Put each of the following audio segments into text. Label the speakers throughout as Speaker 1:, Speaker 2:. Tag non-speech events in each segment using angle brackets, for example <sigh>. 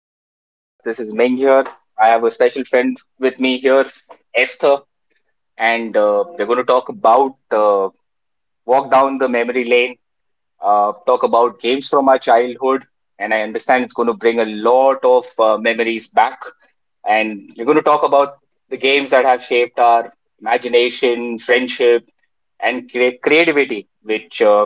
Speaker 1: to my podcast. This is Ming here. I have a special friend with me here, Esther, and we're going to talk about walk down the memory lane talk about games from our childhood, and I understand it's going to bring a lot of memories back. And we're going to talk about the games that have shaped our imagination, friendship, and creativity, which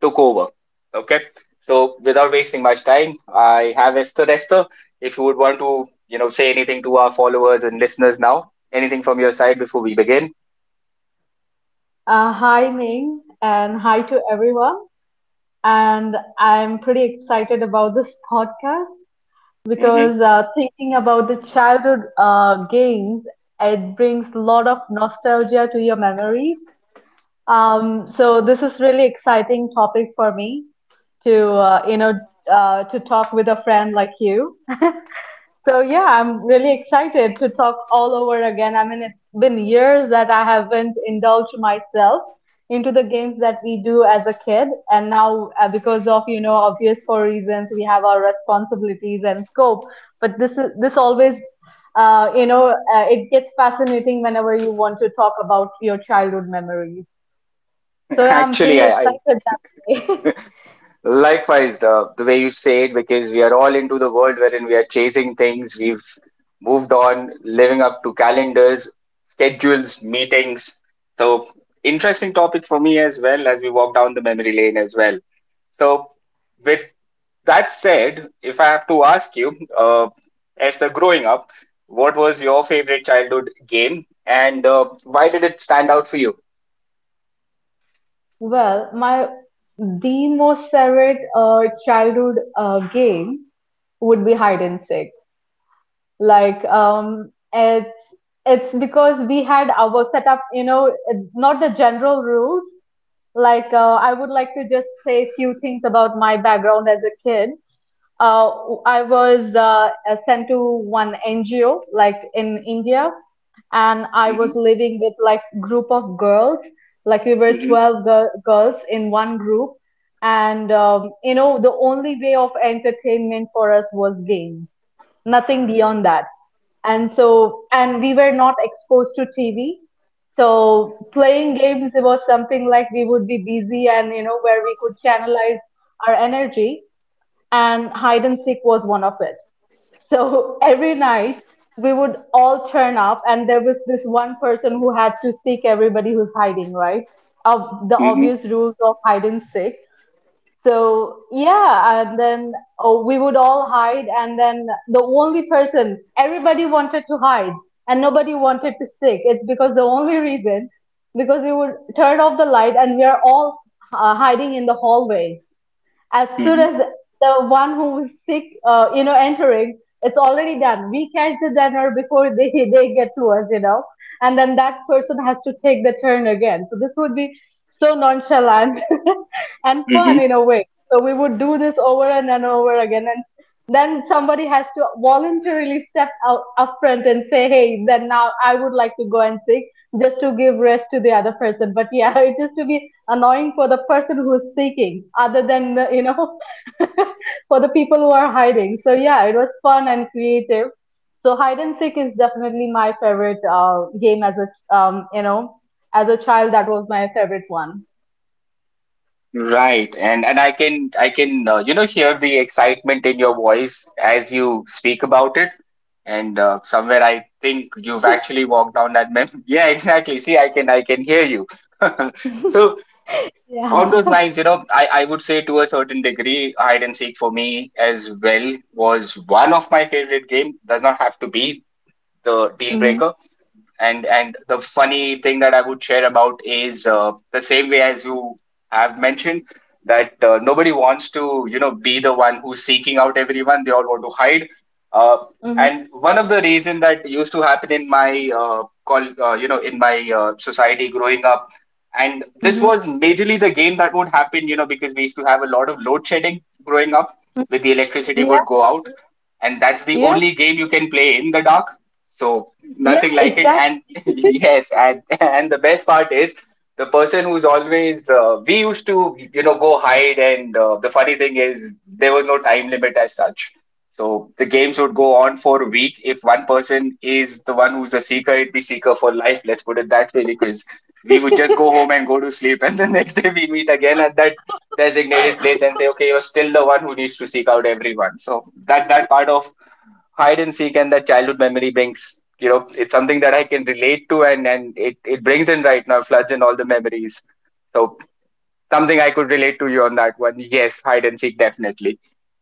Speaker 1: took over. Okay, so without wasting much time, I have Esther. Esther, if you would want to, you know, say anything to our followers and listeners now, anything from your side before we begin.
Speaker 2: Hi, Ming, and hi to everyone. And I'm pretty excited about this podcast
Speaker 1: Hmm.
Speaker 2: because
Speaker 1: <laughs>
Speaker 2: thinking about the childhood games, it brings a lot of nostalgia to your memories. So this is really exciting topic for me to to talk with a friend like you. So yeah, I'm really excited to talk all over again. I mean, it's been years that I haven't indulged myself into the games that we do as a kid, and now because of obvious for reasons we have our responsibilities and scope. But this always it gets fascinating whenever you want to talk about your childhood memories. So yeah, I'm
Speaker 1: Actually,
Speaker 2: pretty
Speaker 1: I
Speaker 2: excited that way. <laughs>
Speaker 1: likewise, the way you say it, because we are all into the world wherein we are chasing things, we've moved on, living up to calendars, schedules, meetings. So, interesting topic for me as well as we walk down the memory lane as well. So, with that said, if I have to ask you, as the growing up, what was your favorite childhood game and why did it stand out for you?
Speaker 2: Well, my the most favorite childhood game would be hide and seek. Like um, it's it's because we had our setup, you know, it's not the general rules. Like I would like to just say a few things about my background as a kid. Uh, I was sent to one NGO, like in India, and I was
Speaker 1: Hmm.
Speaker 2: living with like group of girls. Like we were
Speaker 1: Hmm.
Speaker 2: 12 girls in one group, and you know the only way of entertainment for us was games, nothing beyond that. And so, and we were not exposed to TV. So playing games, it was something like we would be busy and you know where we could channelize our energy, and hide and seek was one of it. So every night we would all turn up, and there was this one person who had to seek everybody who's hiding, right? Of the
Speaker 1: Hmm.
Speaker 2: obvious rules of hide and seek. So yeah, and then oh, we would all hide, and then the only person everybody wanted to hide, and nobody wanted to seek. It's because the only reason because we would turn off the light, and we are all hiding in the hallway as soon as the one who is sick, entering, it's already done. We catch the dinner before they <laughs> they get to us, you know, and then that person has to take the turn again. So this would be so nonchalant <laughs> and fun in
Speaker 1: Hmm.
Speaker 2: a way. So we would do this over and then over again, and then somebody has to voluntarily step out up front and say, "Hey, then now I would like to go and sing," just to give rest to the other person. But yeah, <laughs> it used to be annoying for the person who is seeking other than the <laughs> for the people who are hiding, so yeah, it was fun and creative. So hide and seek is definitely my favorite game as a as a child. That was my favorite one.
Speaker 1: Right, and I can I can you know hear the excitement in your voice as you speak about it, and somewhere I think you've actually walked down that mem. <laughs> Yeah, exactly. See, I can hear you. <laughs> So on
Speaker 2: Yeah.
Speaker 1: those
Speaker 2: <laughs>
Speaker 1: lines, you know, I would say to a certain degree, hide and seek for me as well was one of my favorite game. Does not have to be the deal
Speaker 2: Mm-hmm.
Speaker 1: breaker, and the funny thing that I would share about is the same way as you have mentioned that nobody wants to you know be the one who's seeking out everyone. They all want to hide. Uh, and one of the reason that used to happen in my call you know in my society growing up, and this
Speaker 2: Mm-hmm. Hmm.
Speaker 1: was majorly the game that would happen you know because we used to have a lot of load shedding growing up. With the electricity
Speaker 2: Yeah.
Speaker 1: would go out, and that's the
Speaker 2: Yeah.
Speaker 1: only game you can play in the dark so
Speaker 2: Yeah,
Speaker 1: nothing like it.
Speaker 2: exactly.
Speaker 1: And <laughs> yes, and the best part is the person who's always we used to you know go hide, and the funny thing is there was no time limit as such. So the games would go on for a week. If one person is the one who's a seeker, it'd be seeker for life. Let's put it that way, because we would just go home and go to sleep, <laughs> and the next day we meet again at that designated place and say, okay, you're still the one who needs to seek out everyone. So that part of hide and seek and that childhood memory brings you know it's something that I can relate to and it brings in right now floods in all the memories so something I could relate to you on that one yes hide and seek definitely.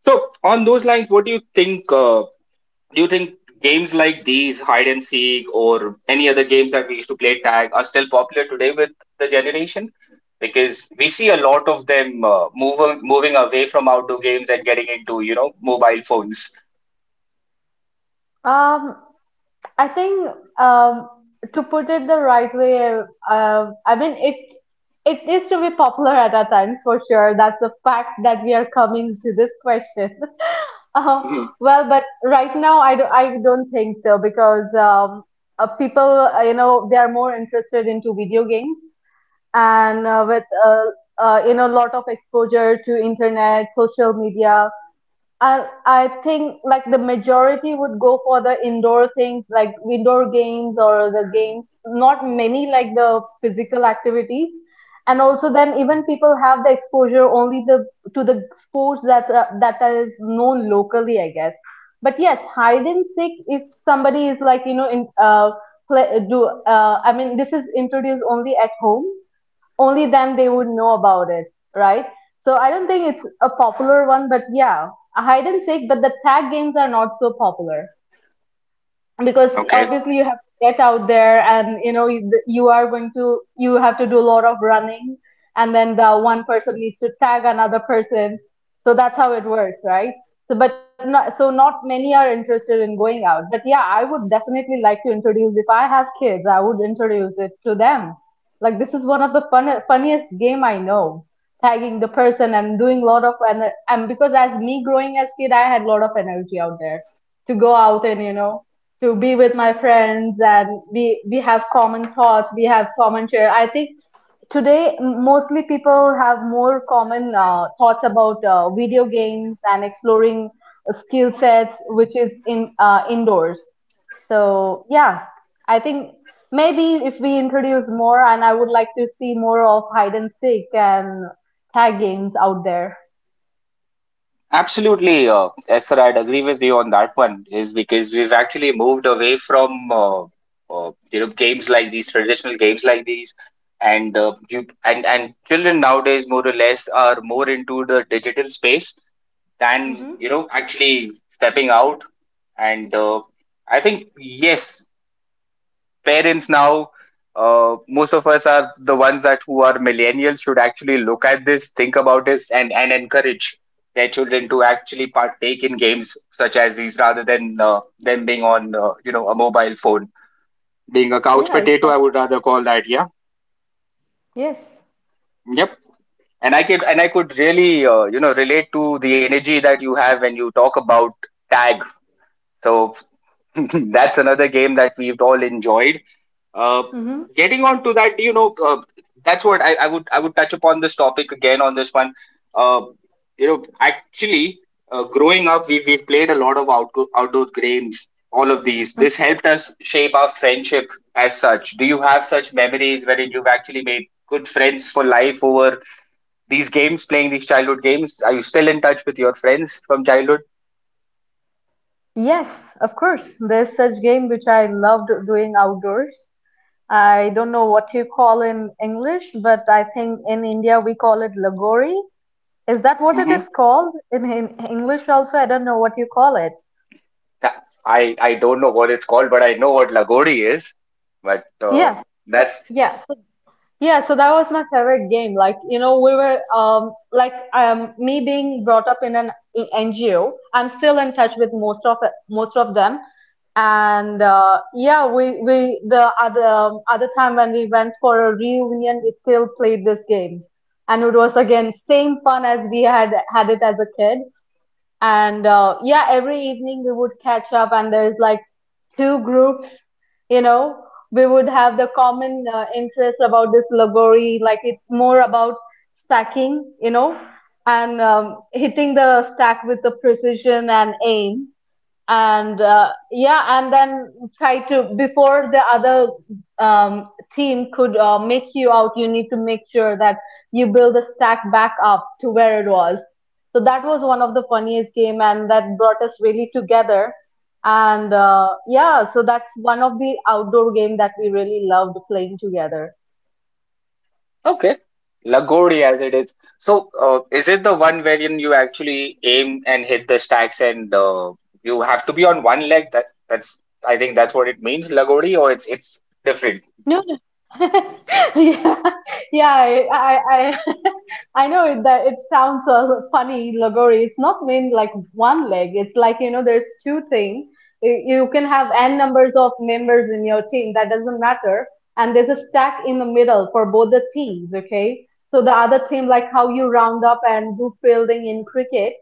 Speaker 1: So, on those lines, what do you think? Do you think games like these, hide and seek, or any other games that we used to play tag, are still popular today with the generation? Because we see a lot of them moving away from outdoor games and getting into, you know, mobile phones.
Speaker 2: Um, I think um, to put it the right way, I mean it. It is to be popular at our times for sure. That's a fact that we are coming to this question. <laughs> Uh,
Speaker 1: Hmm.
Speaker 2: well, but right now I don't think so because people you know they are more interested into video games and with you know lot of exposure to internet, social media, and I think like the majority would go for the indoor things like indoor games or the games, not many like the physical activities. And also then even people have the exposure only the to the sports that that is known locally, I guess. But yes, hide and seek if somebody is like you know in play, do I mean this is introduced only at homes, only then they would know about it, right? So I don't think it's a popular one, but yeah, a hide and seek, but the tag games are not so popular because
Speaker 1: Okay.
Speaker 2: obviously you have to get out there and you know you are going to you have to do a lot of running, and then the one person needs to tag another person. So that's how it works, right? So but not so not many are interested in going out. But yeah, I would definitely like to introduce. If I have kids, I would introduce it to them. Like, this is one of the funniest game I know, tagging the person and doing a lot of and because as me growing as kid I had a lot of energy out there to go out and you know to be with my friends, and we have common thoughts, we have common share. I think today mostly people have more common thoughts about video games and exploring skill sets which is in indoors. So yeah, I think maybe if we introduce more, and I would like to see more of hide and seek and tag games out there.
Speaker 1: Absolutely, Esther, I'd agree with you on that one. Is because we've actually moved away from you know games like these, traditional games like these, and you and children nowadays more or less are more into the digital space than you
Speaker 2: Hmm.
Speaker 1: know actually stepping out. And I think yes, parents now most of us are the ones that who are millennials should actually look at this think about this and encourage their children to actually partake in games such as these rather than them being on you know a mobile phone being a couch
Speaker 2: Yeah,
Speaker 1: potato I
Speaker 2: exactly.
Speaker 1: would rather call that yeah
Speaker 2: Yes.
Speaker 1: yep and I could really you know relate to the energy that you have when you talk about tag so <laughs> that's another game that we've all enjoyed. Uh,
Speaker 2: Hmm.
Speaker 1: getting on to that, you know, that's what I would touch upon this topic again on this one. Uh, you know, actually, growing up, we've played a lot of outdoor games. All of these, this helped us shape our friendship as such. Do you have such memories wherein you've actually made good friends for life over these games, playing these childhood games? Are you still in touch with your friends from childhood?
Speaker 2: Yes, of course. There's such game which I loved doing outdoors. I don't know what you call in English, but I think in India we call it lagori. Is that what it
Speaker 1: Mm-hmm.
Speaker 2: is called in English also? I don't know what you call it.
Speaker 1: I don't know what it's called, but I know what lagodi is. But
Speaker 2: Yes. So
Speaker 1: that's
Speaker 2: yeah, so yeah, so that was my favorite game. Like, you know, we were me being brought up in an NGO, I'm still in touch with most of them, and yeah, we the other other time when we went for a reunion we still played this game, and it was again same fun as we had had it as a kid. And yeah, every evening we would catch up, and there's like two groups, you know. We would have the common interest about this lagori. Like it's more about stacking, you know, and hitting the stack with the precision and aim. And yeah, and then try to before the other um, team could make you out, you need to make sure that you build the stack back up to where it was. So that was one of the funniest game, and that brought us really together. And yeah, so that's one of the outdoor game that we really loved playing together.
Speaker 1: okay. Lagodi as it is. So, is it the one wherein you actually aim and hit the stacks and you have to be on one leg? That that's I think that's what it means, Lagodi, or it's different.
Speaker 2: <laughs> Yeah, yeah, I <laughs> I know it, that it sounds funny, lagori. It's not mean like one leg. It's like, you know, there's two things. You can have n numbers of members in your team. That doesn't matter. And there's a stack in the middle for both the teams, okay? So the other team, like how you round up and do fielding in cricket,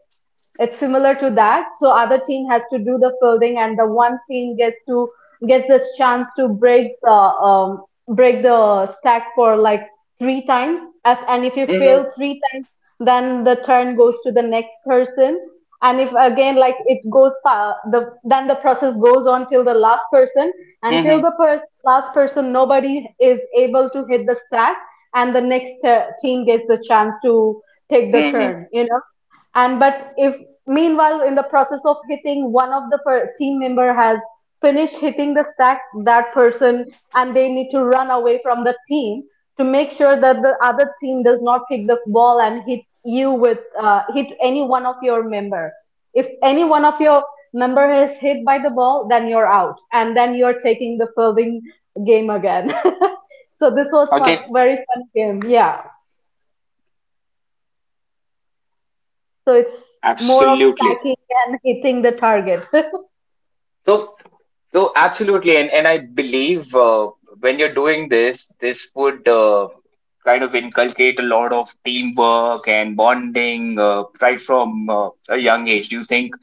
Speaker 2: it's similar to that. So other team has to do the fielding, and the one team gets this chance to um, break the stack for like three times. If and if you fail
Speaker 1: Mm-hmm.
Speaker 2: three times, then the turn goes to the next person. And if again like it goes then the process goes on till the last person,
Speaker 1: Mm-hmm.
Speaker 2: until the last person nobody is able to hit the stack, and the next team gets the chance to take the
Speaker 1: Mm-hmm.
Speaker 2: turn, you know. And but if meanwhile, in the process of hitting, one of the team member has finished hitting the stack, that person, and they need to run away from the team to make sure that the other team does not pick the ball and hit you with hit any one of your member. If any one of your member is hit by the ball, then you're out, and then you're taking the serving game again. <laughs> So this was fun,
Speaker 1: Okay.
Speaker 2: very fun game. Yeah. So it's more of
Speaker 1: Absolutely.
Speaker 2: stacking and hitting the target.
Speaker 1: So absolutely, and I believe when you're doing this, this would kind of inculcate a lot of teamwork and bonding right from a young age. Do you think?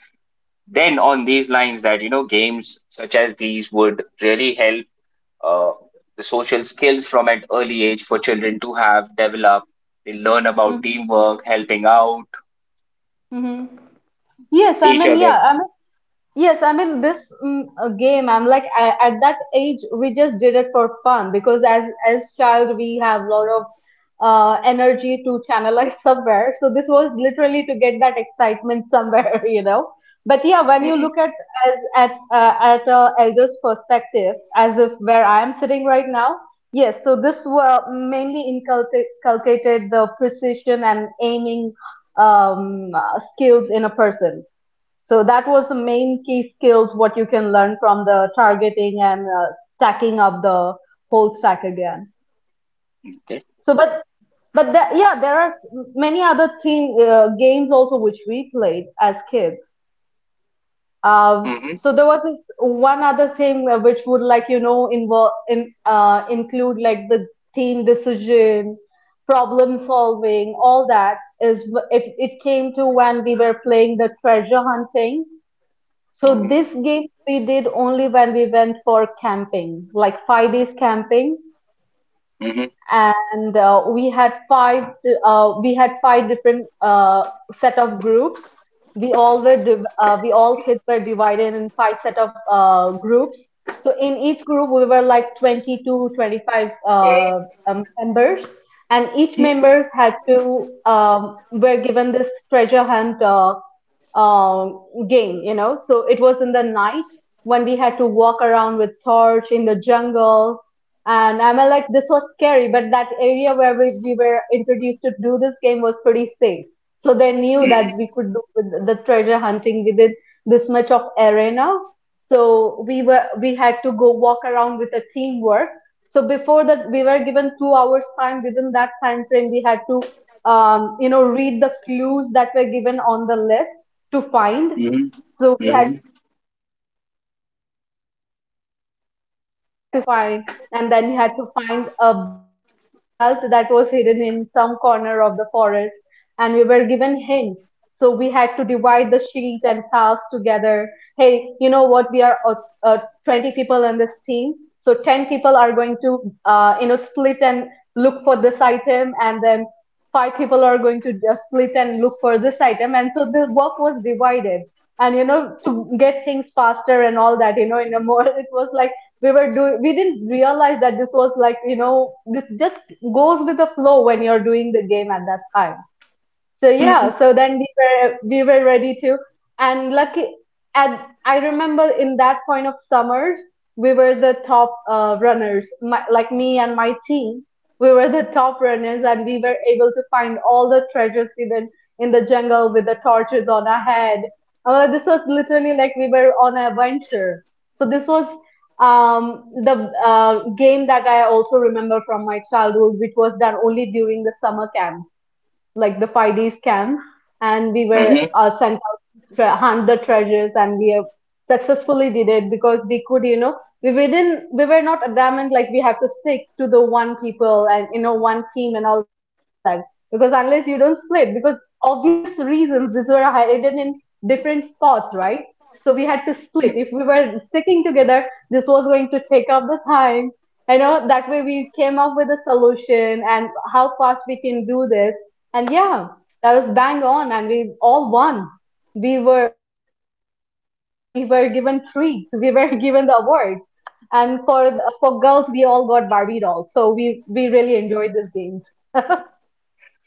Speaker 1: Then on these lines that you know games such as these would really help uh, the social skills from an early age for children to have developed they learn about
Speaker 2: <laughs>
Speaker 1: teamwork helping out
Speaker 2: Mm-hmm. Yes, I
Speaker 1: each
Speaker 2: mean, yeah,
Speaker 1: other.
Speaker 2: I mean, yes, I mean, this mm, game, I'm like, I, at that age, we just did it for fun because as child, we have a lot of energy to channelize <laughs> somewhere. So this was literally to get that excitement somewhere, <laughs> you know. But yeah, when you
Speaker 1: Hmm.
Speaker 2: look at as at a elder's perspective, as if where I am sitting right now, yes. So this were mainly inculcated the precision and aiming skills in a person. So that was the main key skills what you can learn from the targeting and stacking up the whole stack again.
Speaker 1: Okay.
Speaker 2: So, but the, yeah, there are many other thing games also which we played as kids. Um,
Speaker 1: Hmm.
Speaker 2: so there was this one other thing which would like involve in include like the team decision, problem solving, all that is it came to when we were playing the treasure hunting. So
Speaker 1: Hmm.
Speaker 2: this game we did only when we went for camping, like 5 days camping,
Speaker 1: Hmm. Hmm.
Speaker 2: and we had five different set of groups. We all kids were divided in five set of groups. So in each group we were like 22, 25, members, and each members had to were given this treasure hunt, game. So it was in the night when we had to walk around with torch in the jungle. And I'm, like, this was scary, but that area where we were introduced to do this game was pretty safe. So they knew that we could do with the treasure hunting within this much of arena. So we had to go walk around with a teamwork. So before that, we were given 2 hours time. Within that time frame, we had to read the clues that were given on the list to find.
Speaker 1: Hmm.
Speaker 2: So we had
Speaker 1: Hmm.
Speaker 2: to see how many, we had to find a book, and there's a puzzle box that we had to find, and then we had to find a belt that was hidden in some corner of the forest, and we were given hints. So we had to divide the sheets and tasks together. Hey, you know what? We are uh, 20 people in this team, so 10 people are going to split and look for this item, and then five people are going to just split and look for this item. And so the work was divided and to get things faster and all that in a more, <laughs> it was like we were doing we didn't realize that this was like, this just goes with the flow when you're doing the game at that time. So yeah,
Speaker 1: Hmm.
Speaker 2: so then we were ready to, and lucky, and I remember in that point of summers, we were the top runners. My, like me and my team, we were the top runners, and we were able to find all the treasures even in the jungle with the torches on our head. This was literally like we were on an adventure. So this was the game that I also remember from my childhood, which was done only during the summer camps, like the 5D scam, and we were
Speaker 1: Hmm.
Speaker 2: sent out to hunt the treasures, and we have successfully did it because we could, we didn't, we were not adamant, like we have to stick to the one people and one team and all that, because unless you don't split, because obvious reasons, these were hidden in different spots, right? So we had to split. If we were sticking together, this was going to take up the time. I know that way we came up with a solution and how fast we can do this, and yeah, that was bang on, and we all won. We were given treats, we were <laughs> given the awards, and for girls, we all got Barbie dolls. So we really enjoyed these games.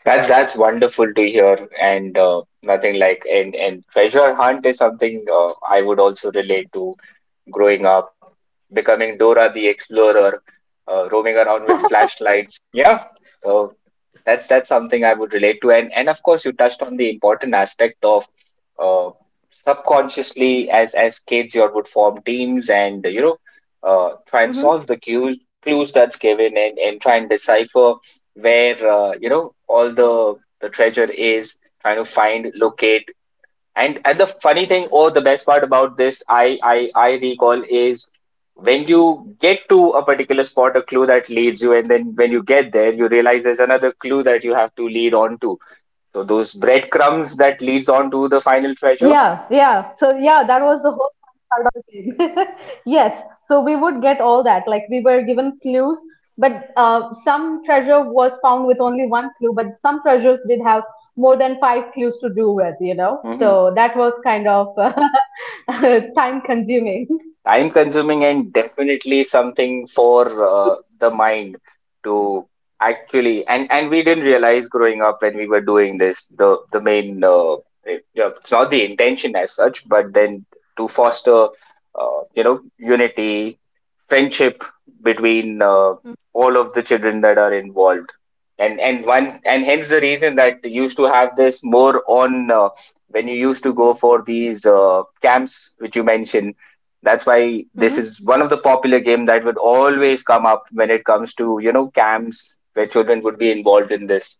Speaker 1: That's wonderful to hear, and nothing like and treasure hunt is something I would also relate to growing up, becoming Dora the Explorer, roaming around with flashlights. Yeah. So that's something I would relate to, and of course you touched on the important aspect of uh, subconsciously as kids you all would form teams and you know try and solve the cues clues that's given and try and decipher where you know all the treasure is trying to find locate and the funny thing, or the best part about this, I recall is when you get to a particular spot, a clue that leads you, and then when you get there, you realize there's another clue that you have to lead on to. So those
Speaker 2: Yeah,
Speaker 1: breadcrumbs that
Speaker 2: yeah.
Speaker 1: leads
Speaker 2: So
Speaker 1: on to
Speaker 2: yeah,
Speaker 1: the
Speaker 2: that
Speaker 1: final
Speaker 2: was the whole
Speaker 1: treasure.
Speaker 2: fun part of the game. <laughs> Yes. So we would get all that. Like we were given clues, but some treasure was found with only one clue, but some treasures did have more than five clues to do with. So that was kind of <laughs> time consuming.
Speaker 1: Time consuming and definitely something for the mind to actually and we didn't realize growing up when we were doing this the main yeah, it's not the intention as such but then to foster you know unity friendship between all of the children that are involved and one and hence the reason that they used to have this more on when you used to go for these camps which you mentioned that's why
Speaker 2: Mm-hmm.
Speaker 1: this is one of the popular game that would always come up when it comes to you know camps where children would be involved in this.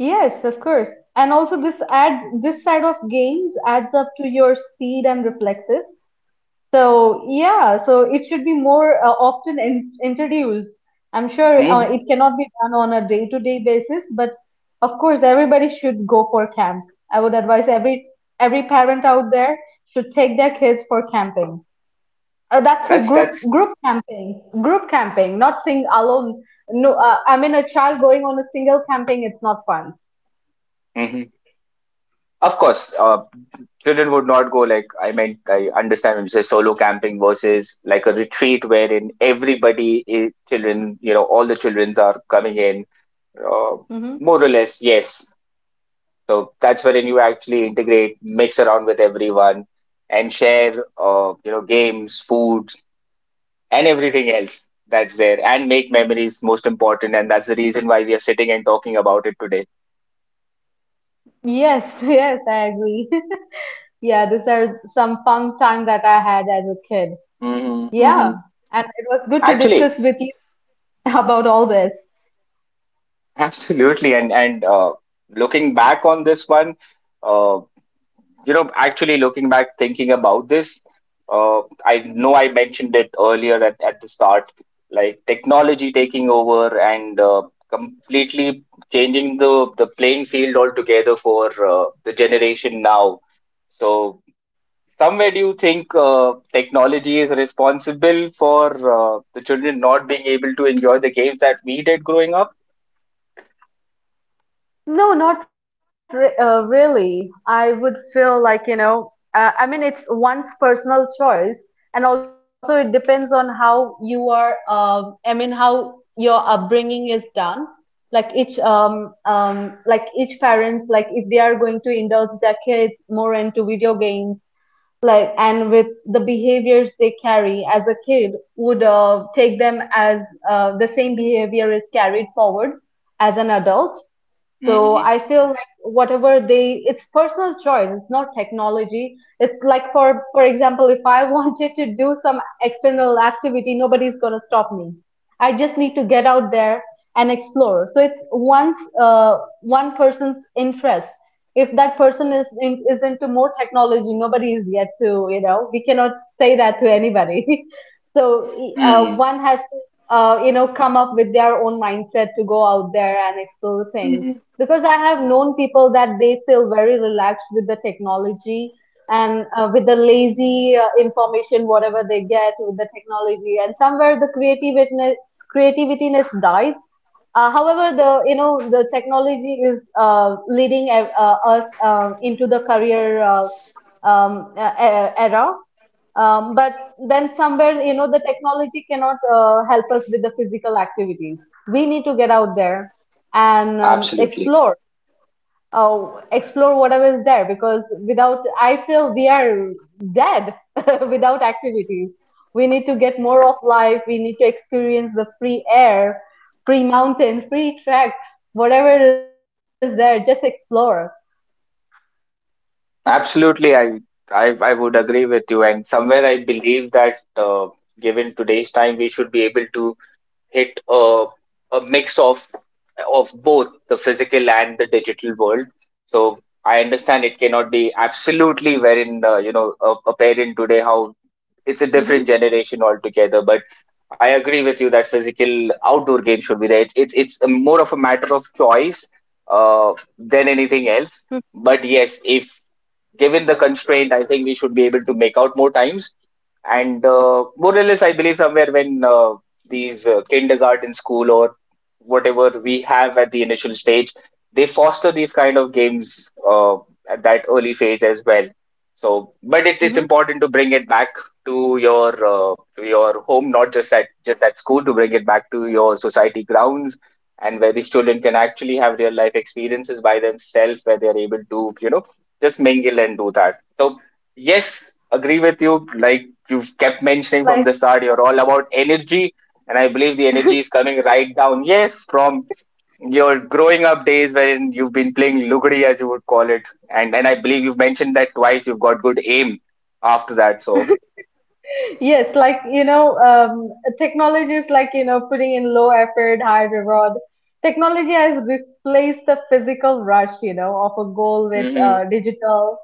Speaker 2: Yes, of course. And also this side of games adds up to your speed and reflexes. So yeah, so it should be more often in introduced. I'm sure it
Speaker 1: Hmm.
Speaker 2: cannot be done on a day-to-day basis, but of course everybody should go for camp. I would advise every parent out there should take their kids for camping. That's a
Speaker 1: that's
Speaker 2: group
Speaker 1: that's
Speaker 2: group camping, group camping, not sing alone. No, I mean a child going on a single camping, it's not fun.
Speaker 1: hmm of course children would not go like I meant I understand when you say solo camping versus like a retreat wherein everybody children you know all the children are coming in uh,
Speaker 2: Hmm.
Speaker 1: more or less yes so that's wherein you actually integrate mix around with everyone and share you know games food and everything else that's there and make memories most important and that's the reason why we are sitting and talking about it today.
Speaker 2: Yes, <laughs> yes, I agree. <laughs> Yeah, these are some fun time that I had as a kid.
Speaker 1: Hmm.
Speaker 2: Yeah,
Speaker 1: Hmm.
Speaker 2: and it was good to
Speaker 1: Actually
Speaker 2: discuss with you <laughs> about all this.
Speaker 1: absolutely and looking back on this one uh, you know actually looking back thinking about this uh, I know I mentioned it earlier at the start like technology taking over and completely changing the playing field altogether for the generation now so somewhere do you think technology is responsible for the children not being able to enjoy the games that we did growing up.
Speaker 2: No, not re really. I would feel like, I mean, it's one's personal choice, and also it depends on how you are, I mean, how your upbringing is done. Like each parents, like if they are going to indulge their kids more into video games, like, and with the behaviors they carry as a kid, would take them as, the same behavior is carried forward as an adult. So
Speaker 1: Hmm.
Speaker 2: I feel like whatever they, it's personal choice. It's not technology. It's like, for example, if I <laughs> wanted to do some external activity, nobody's gonna stop me. I just need to get out there and explore. So it's one person's interest. If that person is into more technology, nobody is yet to. We cannot say that to anybody. <laughs> So
Speaker 1: Hmm.
Speaker 2: one has to, come up with their own mindset to go out there and explore things,
Speaker 1: Hmm.
Speaker 2: because I have known people that they feel very relaxed with the technology and with the lazy information, whatever they get with the technology, and somewhere the creativityness dies. However, the the technology is leading us into the career, era, but then somewhere, the technology cannot help us with the physical activities. We need to get out there and
Speaker 1: Absolutely
Speaker 2: explore, explore whatever is there, because without, I feel we are dead <laughs> without activities. We need to get more of life. We need to experience the free air, free mountains, free tracks, whatever is there. Just explore.
Speaker 1: absolutely I would agree with you and somewhere I believe that uh, given today's time we should be able to hit a mix of both the physical and the digital world so I understand it cannot be absolutely wherein you know a parent today how it's a
Speaker 2: Hmm.
Speaker 1: different generation altogether. But I agree with you that physical outdoor game should be there. It's a more of a matter of choice than anything else. But yes, if given the constraint, I think we should be able to make out more times. And more or less, I believe somewhere when these kindergarten school or whatever we have at the initial stage, they foster these kind of games at that early phase as well. So, but it's
Speaker 2: Mm-hmm.
Speaker 1: it's important to bring it back to your home, not just at just at school, to bring it back to your society grounds, and where the student can actually have real life experiences by themselves, where they are able to just mingle and do that. So yes, agree with you. Like you've kept mentioning from
Speaker 2: Like
Speaker 1: the start, you're all about energy, and I believe the energy is coming right down. Yes, from your growing up days when you've been playing lugri as you would call it, and I believe you've mentioned that twice you've got good aim after that. So
Speaker 2: Yes, like, technology is like, putting in low effort, high reward. Technology has replaced the physical rush of a goal with
Speaker 1: hmm
Speaker 2: digital.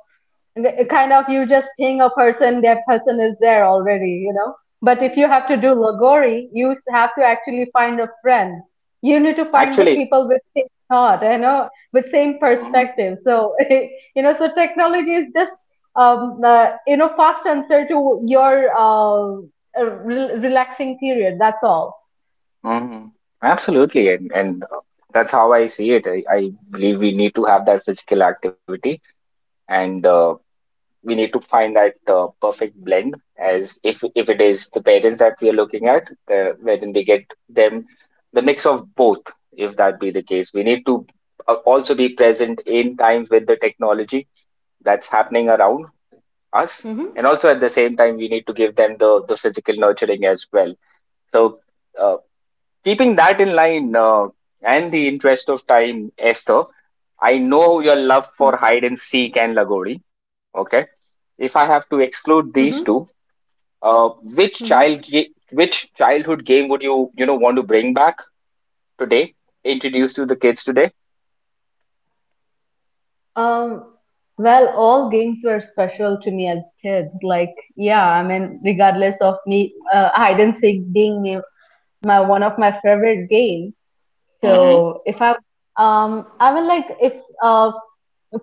Speaker 2: Kind of you just ping a person, that person is there already. But if you have to do Lagori, you have to actually find a friend. You need to find the
Speaker 1: actually,
Speaker 2: people with same thought with same
Speaker 1: hmm
Speaker 2: perspective. So, <laughs> so technology is just fast answer to your relaxing period. That's all.
Speaker 1: hmm absolutely, and that's how I see it. I believe we need to have that physical activity, and we need to find that perfect blend. As if it is the parents that we are looking at, the, wherein they get them the mix of both. If that be the case, we need to also be present in times with the technology that's happening around us, and
Speaker 2: Mm-hmm.
Speaker 1: also at the same time, we need to give them the physical nurturing as well. So. uh. Keeping that in line, and the interest of time, Esther, I know your love for hide and seek and Lagori. Okay, if I have to
Speaker 2: Mm-hmm.
Speaker 1: exclude these two, which
Speaker 2: Mm-hmm.
Speaker 1: which childhood game would you you know want to bring back today? Introduce to the kids today.
Speaker 2: Um, well, all games were special to me as kids. Like, yeah, I mean, regardless of me, hide and seek being my one of my favorite games.
Speaker 1: Hmm.
Speaker 2: So if I, I mean, like, if uh,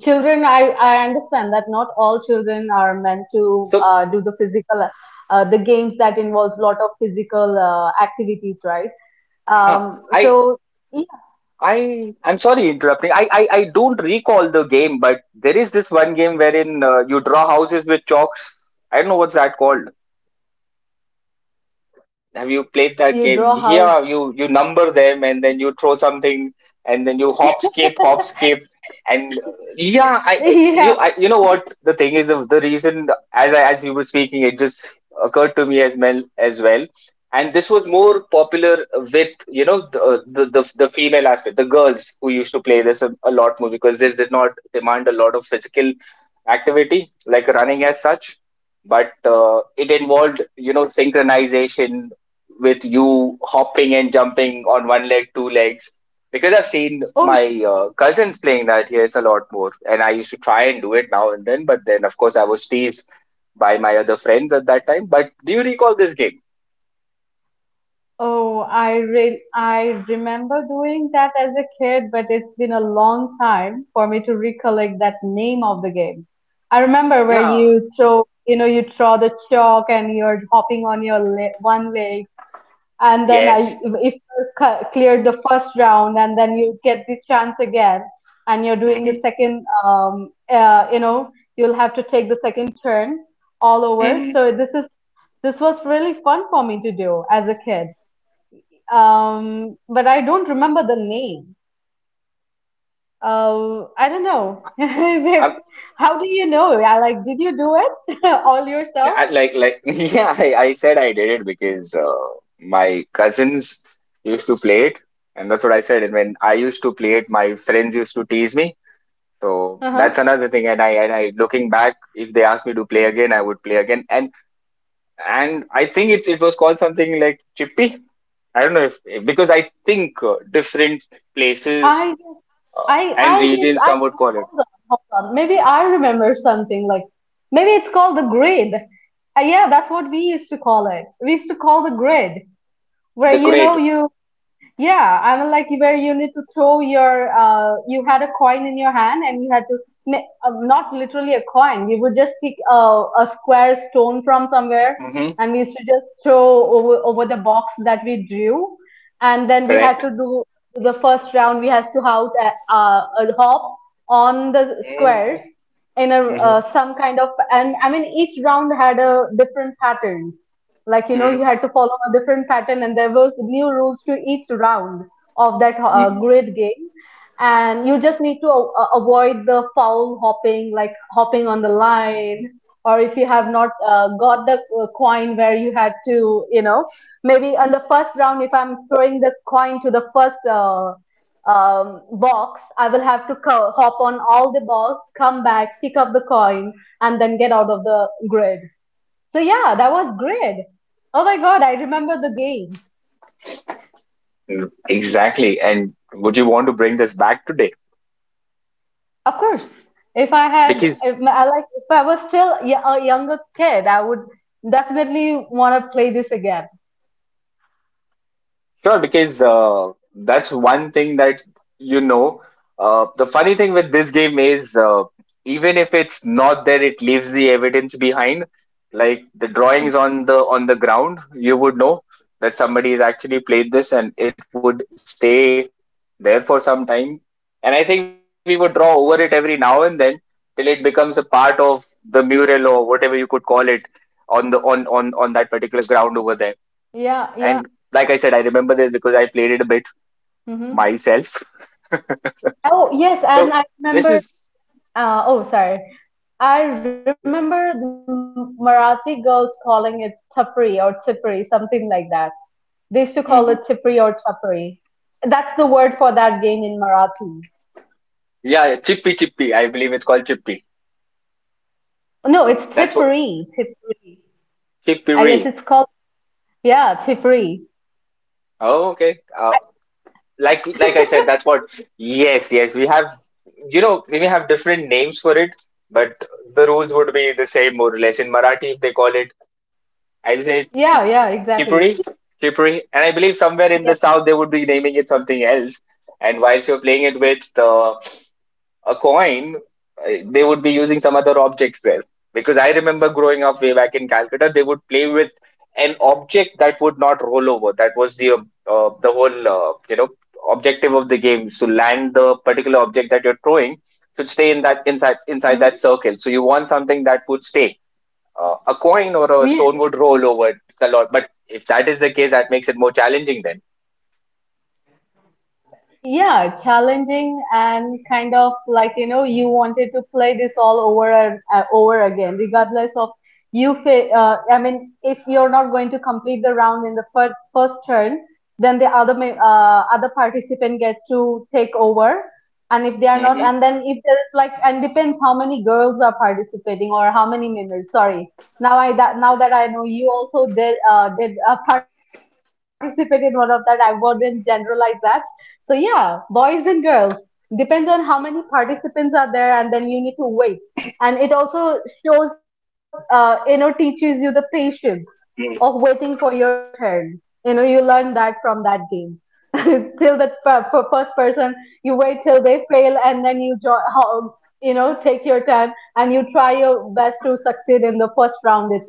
Speaker 2: children, I understand that not all children are meant to
Speaker 1: So
Speaker 2: do the physical, the games that involves lot of physical activities, right?
Speaker 1: huh,
Speaker 2: Um,
Speaker 1: I
Speaker 2: so yeah,
Speaker 1: I'm sorry interrupting. I don't recall the game, but there is this one game wherein you draw houses with chalks. I don't know what's that called.
Speaker 2: you
Speaker 1: Have you
Speaker 2: draw
Speaker 1: played
Speaker 2: how?
Speaker 1: that game? Yeah, you number them and then you throw something and then you
Speaker 2: <laughs>
Speaker 1: hop, skip, and
Speaker 2: Yeah.
Speaker 1: yeah, you know what the thing is, the reason as I, as you were speaking, it just occurred to me as well, and this was more popular with the female aspect, the girls who used to play this a lot more because this did not demand a lot of physical activity like running as such, but it involved, you know, synchronization with you hopping and jumping on one leg, two legs. Because I've seen
Speaker 2: Oh
Speaker 1: my cousins playing that here's a lot more, and I used to try and do it now and then, but then of course I was teased by my other friends at that time. But do you recall this game?
Speaker 2: Oh, I remember doing that as a kid, but it's been a long time for me to recollect that name of the game. I remember where
Speaker 1: Yeah.
Speaker 2: you throw the chalk, and you're hopping on your le one leg, and then
Speaker 1: Yes.
Speaker 2: if you clear the first round, and then you get the chance again, and you're doing the
Speaker 1: Mm-hmm.
Speaker 2: second, you'll have to take the second turn all over.
Speaker 1: Mm-hmm.
Speaker 2: So this was really fun for me to do as a kid, but I don't remember the name. I don't know. <laughs>
Speaker 1: I,
Speaker 2: How do you know? Yeah, like, did you do it <laughs> all yourself?
Speaker 1: I like <laughs> yeah. I said I did it because my cousins used to play it, and that's what I said. And when I used to play it, my friends used to tease me. So that's
Speaker 2: Uh-huh.
Speaker 1: another thing. And I looking back, if they asked me to play again, I would play again. And I think it was called something like Chippy. I don't know if, because I think different places,
Speaker 2: I,
Speaker 1: uh,
Speaker 2: I,
Speaker 1: and
Speaker 2: I get.
Speaker 1: regions,
Speaker 2: I
Speaker 1: some would call it
Speaker 2: hold on, hold on. Maybe I remember something, like, maybe it's called the grid. Yeah, that's what we used to call it. We used to call the grid, where
Speaker 1: the
Speaker 2: you know
Speaker 1: grid.
Speaker 2: you Yeah, I mean, like, where you need to throw you had a coin in your hand, and you had to, ma- not literally a coin, we would just pick a square stone from somewhere,
Speaker 1: Hmm.
Speaker 2: and we used to just throw over the box that we drew. And then we had
Speaker 1: Correct.
Speaker 2: to do the first round, we had to out a hop on the
Speaker 1: Hmm.
Speaker 2: squares in a,
Speaker 1: Hmm.
Speaker 2: uh, some kind of, each round had a different patterns like you
Speaker 1: Hmm.
Speaker 2: had to follow a different pattern and there was new rules to each round of that
Speaker 1: Hmm.
Speaker 2: grid game and you just need to avoid the foul hopping like hopping on the line or if you have not got the coin where you had to you know Maybe on the first round if I'm throwing the coin to the first box I will have to hop on all the balls, come back, pick up the coin and then get out of the grid. So yeah, that was great. Oh my God, I remember the game.
Speaker 1: Exactly. And would you want to bring this back today?
Speaker 2: Of course, if I had,
Speaker 1: Because
Speaker 2: if my, if I was still a younger kid, I would definitely want to play this again.
Speaker 1: sure, because that's one thing that, you know. The funny thing with this game is, even if it's not there, it leaves the evidence behind. Like the
Speaker 2: Mhm.
Speaker 1: drawings on the ground, you would know that somebody has actually played this, and it would stay there for some time. And I think we would draw over it every now and then till it becomes a part of the mural or whatever you could call it on the on that particular ground over there.
Speaker 2: Yeah, yeah.
Speaker 1: And like I said, I remember this because I played it a bit
Speaker 2: Mm-hmm.
Speaker 1: myself.
Speaker 2: Oh yes, and I
Speaker 1: So
Speaker 2: remember.
Speaker 1: this is,
Speaker 2: Oh, sorry. I remember the Marathi girls calling it tapri or tipri, something like that. They used to call
Speaker 1: hmm,
Speaker 2: it tipri or tapri. That's the word for that game in Marathi.
Speaker 1: yeah, Chippy. I believe it's called Chippy.
Speaker 2: No, it's
Speaker 1: That's what,
Speaker 2: tipri, tipri. I guess
Speaker 1: Chippy.
Speaker 2: it's called, yeah, Tipri.
Speaker 1: Oh, okay. Like I said, that's what. Yes, yes. We have, you know, we may have different names for it, but the rules would be the same more or less. In Marathi, if they call it, I
Speaker 2: Yeah,
Speaker 1: say
Speaker 2: yeah, exactly.
Speaker 1: Chippy, Chippy, and I believe somewhere
Speaker 2: Yeah.
Speaker 1: in the south they would be naming it something else. And whilst you're playing it with a coin, they would be using some other objects there. Because I remember growing up way back in Calcutta, they would play with an object that would not roll over. That was the whole, you know, objective of the game is to land the particular object that you're throwing should stay in that
Speaker 2: Hmm.
Speaker 1: inside that circle. So you want something that would stay. A coin or a stone would roll over a lot, but if that is the case, that makes it more challenging then.
Speaker 2: Yeah, challenging and kind of like, you wanted to play this all over and over again, regardless of if you're not going to complete the round in the first turn, then the other participant gets to take over. And if they are not, and then if there is like, and depends how many girls are participating or how many members. Sorry. Now that I know you also did <laughs> participate in one of that, I wouldn't generalize that. So yeah, boys and girls, depends on how many participants are there, and then you need to wait. And it also shows, you know, teaches you the patience of waiting for
Speaker 1: Hmm.
Speaker 2: your turn. You know, you learn that from that game. <laughs> Till the first person, you wait till they fail, and then you you know, take your turn and you try your best to succeed in the first round itself.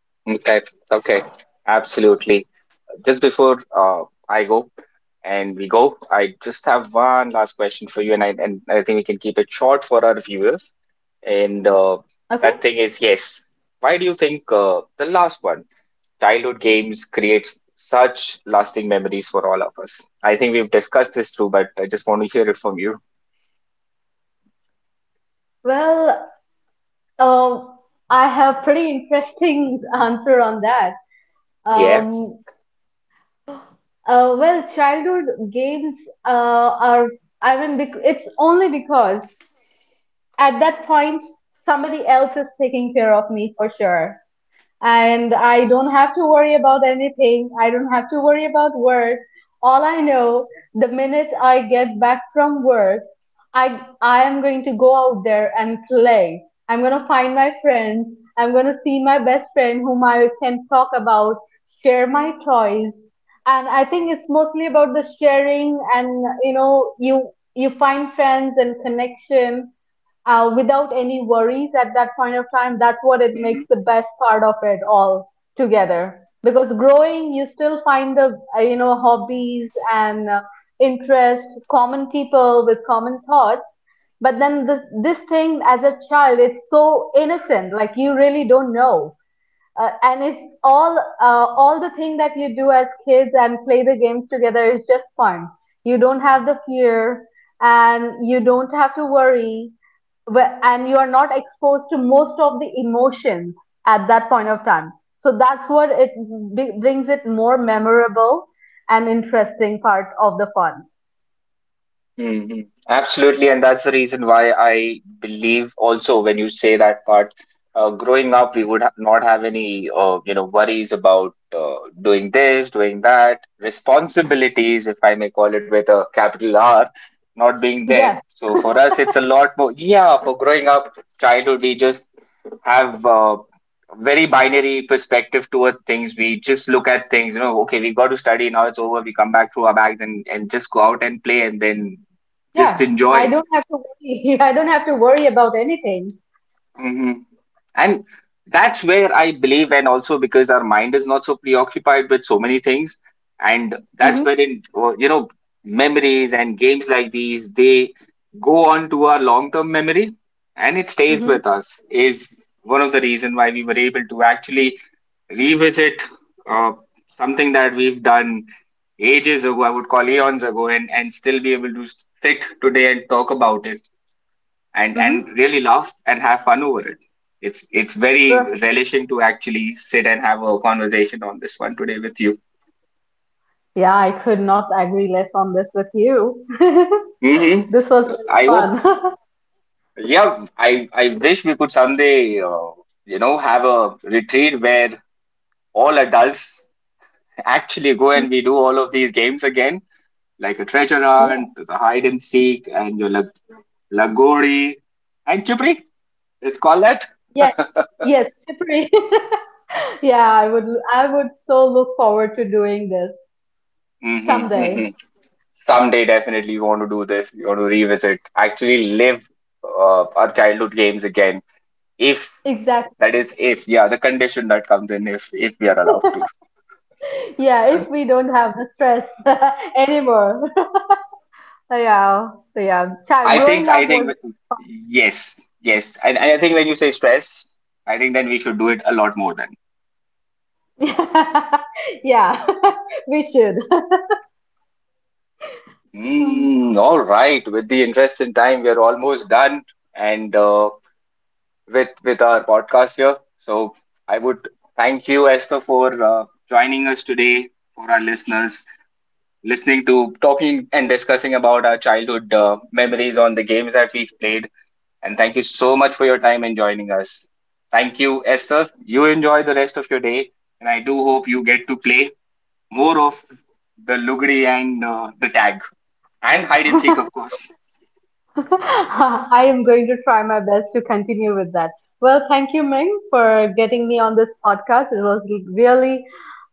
Speaker 1: Okay. Okay. Absolutely. Just before, I go and we go, I just have one last question for you, and I think we can keep it short for our viewers. And
Speaker 2: Okay.
Speaker 1: that thing is, yes. Why do you think, the last one, childhood games, creates such lasting memories for all of us? I think we've discussed this too, but I just want to hear it from you.
Speaker 2: Well, uh, I have pretty interesting <laughs> answer on that.
Speaker 1: Yeah.
Speaker 2: Um, well, childhood games are it's only because at that point somebody else is taking care of me for sure and I don't have to worry about anything. I don't have to worry about work. All I know, the minute I get back from work, I am going to go out there and play. I'm going to find my friends. I'm going to see my best friend whom I can talk about, share my toys. And I think it's mostly about the sharing and you know, you find friends and connection without any worries at that point of time. That's what it makes the best part of it all together. Because growing, you still find the you know hobbies and interest, common people with common thoughts. But then this thing as a child, it's so innocent. Like you really don't know. And it's all the thing that you do as kids and play the games together is just fun. You don't have the fear, and you don't have to worry and you are not exposed to most of the emotions at that point of time. So that's what it brings it more memorable and interesting part of the fun.
Speaker 1: Hmm. Absolutely, and that's the reason why I believe also when you say that part, growing up, we would ha not have any you know, worries about doing this, doing that, responsibilities, if I may call it with a capital R, not being
Speaker 2: Yes,
Speaker 1: there. So for us, it's a lot more. Yeah, for growing up, childhood, we just have very binary perspective toward things. We just look at things, you know, okay, we've got to study, now it's over, we come back through our bags and just go out and play and then just
Speaker 2: yeah. I
Speaker 1: enjoy.
Speaker 2: don't have to worry. <laughs> I don't have to worry about anything.
Speaker 1: Hmm. And that's where I believe, and also because our mind is not so preoccupied with so many things, and that's
Speaker 2: Hmm.
Speaker 1: where in you know, memories and games like these, they go on to our long term memory, and it stays
Speaker 2: Hmm.
Speaker 1: with us, is one of the reason why we were able to actually revisit uh, something that we've done ages ago, I would call eons ago, and still be able to sit today and talk about it, and
Speaker 2: Hmm.
Speaker 1: really laugh and have fun over it. It's very
Speaker 2: Sure.
Speaker 1: relishing to actually sit and have a conversation on this one today with you.
Speaker 2: Yeah, I could not agree less on this with you. <laughs>
Speaker 1: Hmm.
Speaker 2: This was very
Speaker 1: I hope,
Speaker 2: fun. <laughs>
Speaker 1: yeah, I wish we could someday, you know, have a retreat where all adults actually go and
Speaker 2: Mhm.
Speaker 1: we do all of these games again, like a treasure
Speaker 2: Yeah,
Speaker 1: hunt, the hide and seek, and your lagori and chupri. Let's call that.
Speaker 2: yeah, yes, Chipri. <laughs> Yeah, I would so look forward to doing this
Speaker 1: Hmm. Hmm.
Speaker 2: someday.
Speaker 1: Someday definitely we want to do this. We want to revisit, actually live our childhood games again. If that
Speaker 2: Exactly.
Speaker 1: is, if yeah, the condition that comes in, if we are allowed to.
Speaker 2: Yeah, if we don't have the stress <laughs> anymore. <laughs> So yeah, so yeah. Child growing up
Speaker 1: I think,
Speaker 2: was
Speaker 1: yes, yes, and I think when you say stress, I think then we should do it a lot more then.
Speaker 2: <laughs> yeah, <laughs> we should. Hmm.
Speaker 1: Mm, all right. With the interest in time, we are almost done, and with our podcast here. So I would thank you, Esther, for joining us today. For our listeners, listening to, talking, and discussing about our childhood memories on the games that we've played. And thank you so much for your time and joining us. Thank you, Esther. You enjoy the rest of your day, and I do hope you get to play more of the Lugri and the tag and hide and seek, of
Speaker 2: <laughs>
Speaker 1: course.
Speaker 2: I am going to try my best to continue with that. Well, thank you, Ming, for getting me on this podcast. It was really,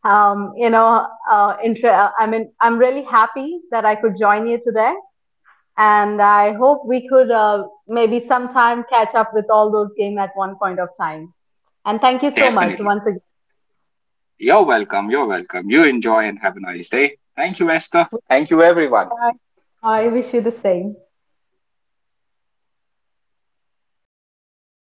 Speaker 2: I'm really happy that I could join you today, and I hope we could maybe sometime catch up with all those game at one point of time. And thank you so much
Speaker 1: Definitely.
Speaker 2: once again.
Speaker 1: You're welcome. You're welcome. You enjoy and have a nice day. Thank you, Esther. Thank you, everyone.
Speaker 2: I wish you the same. Are we done?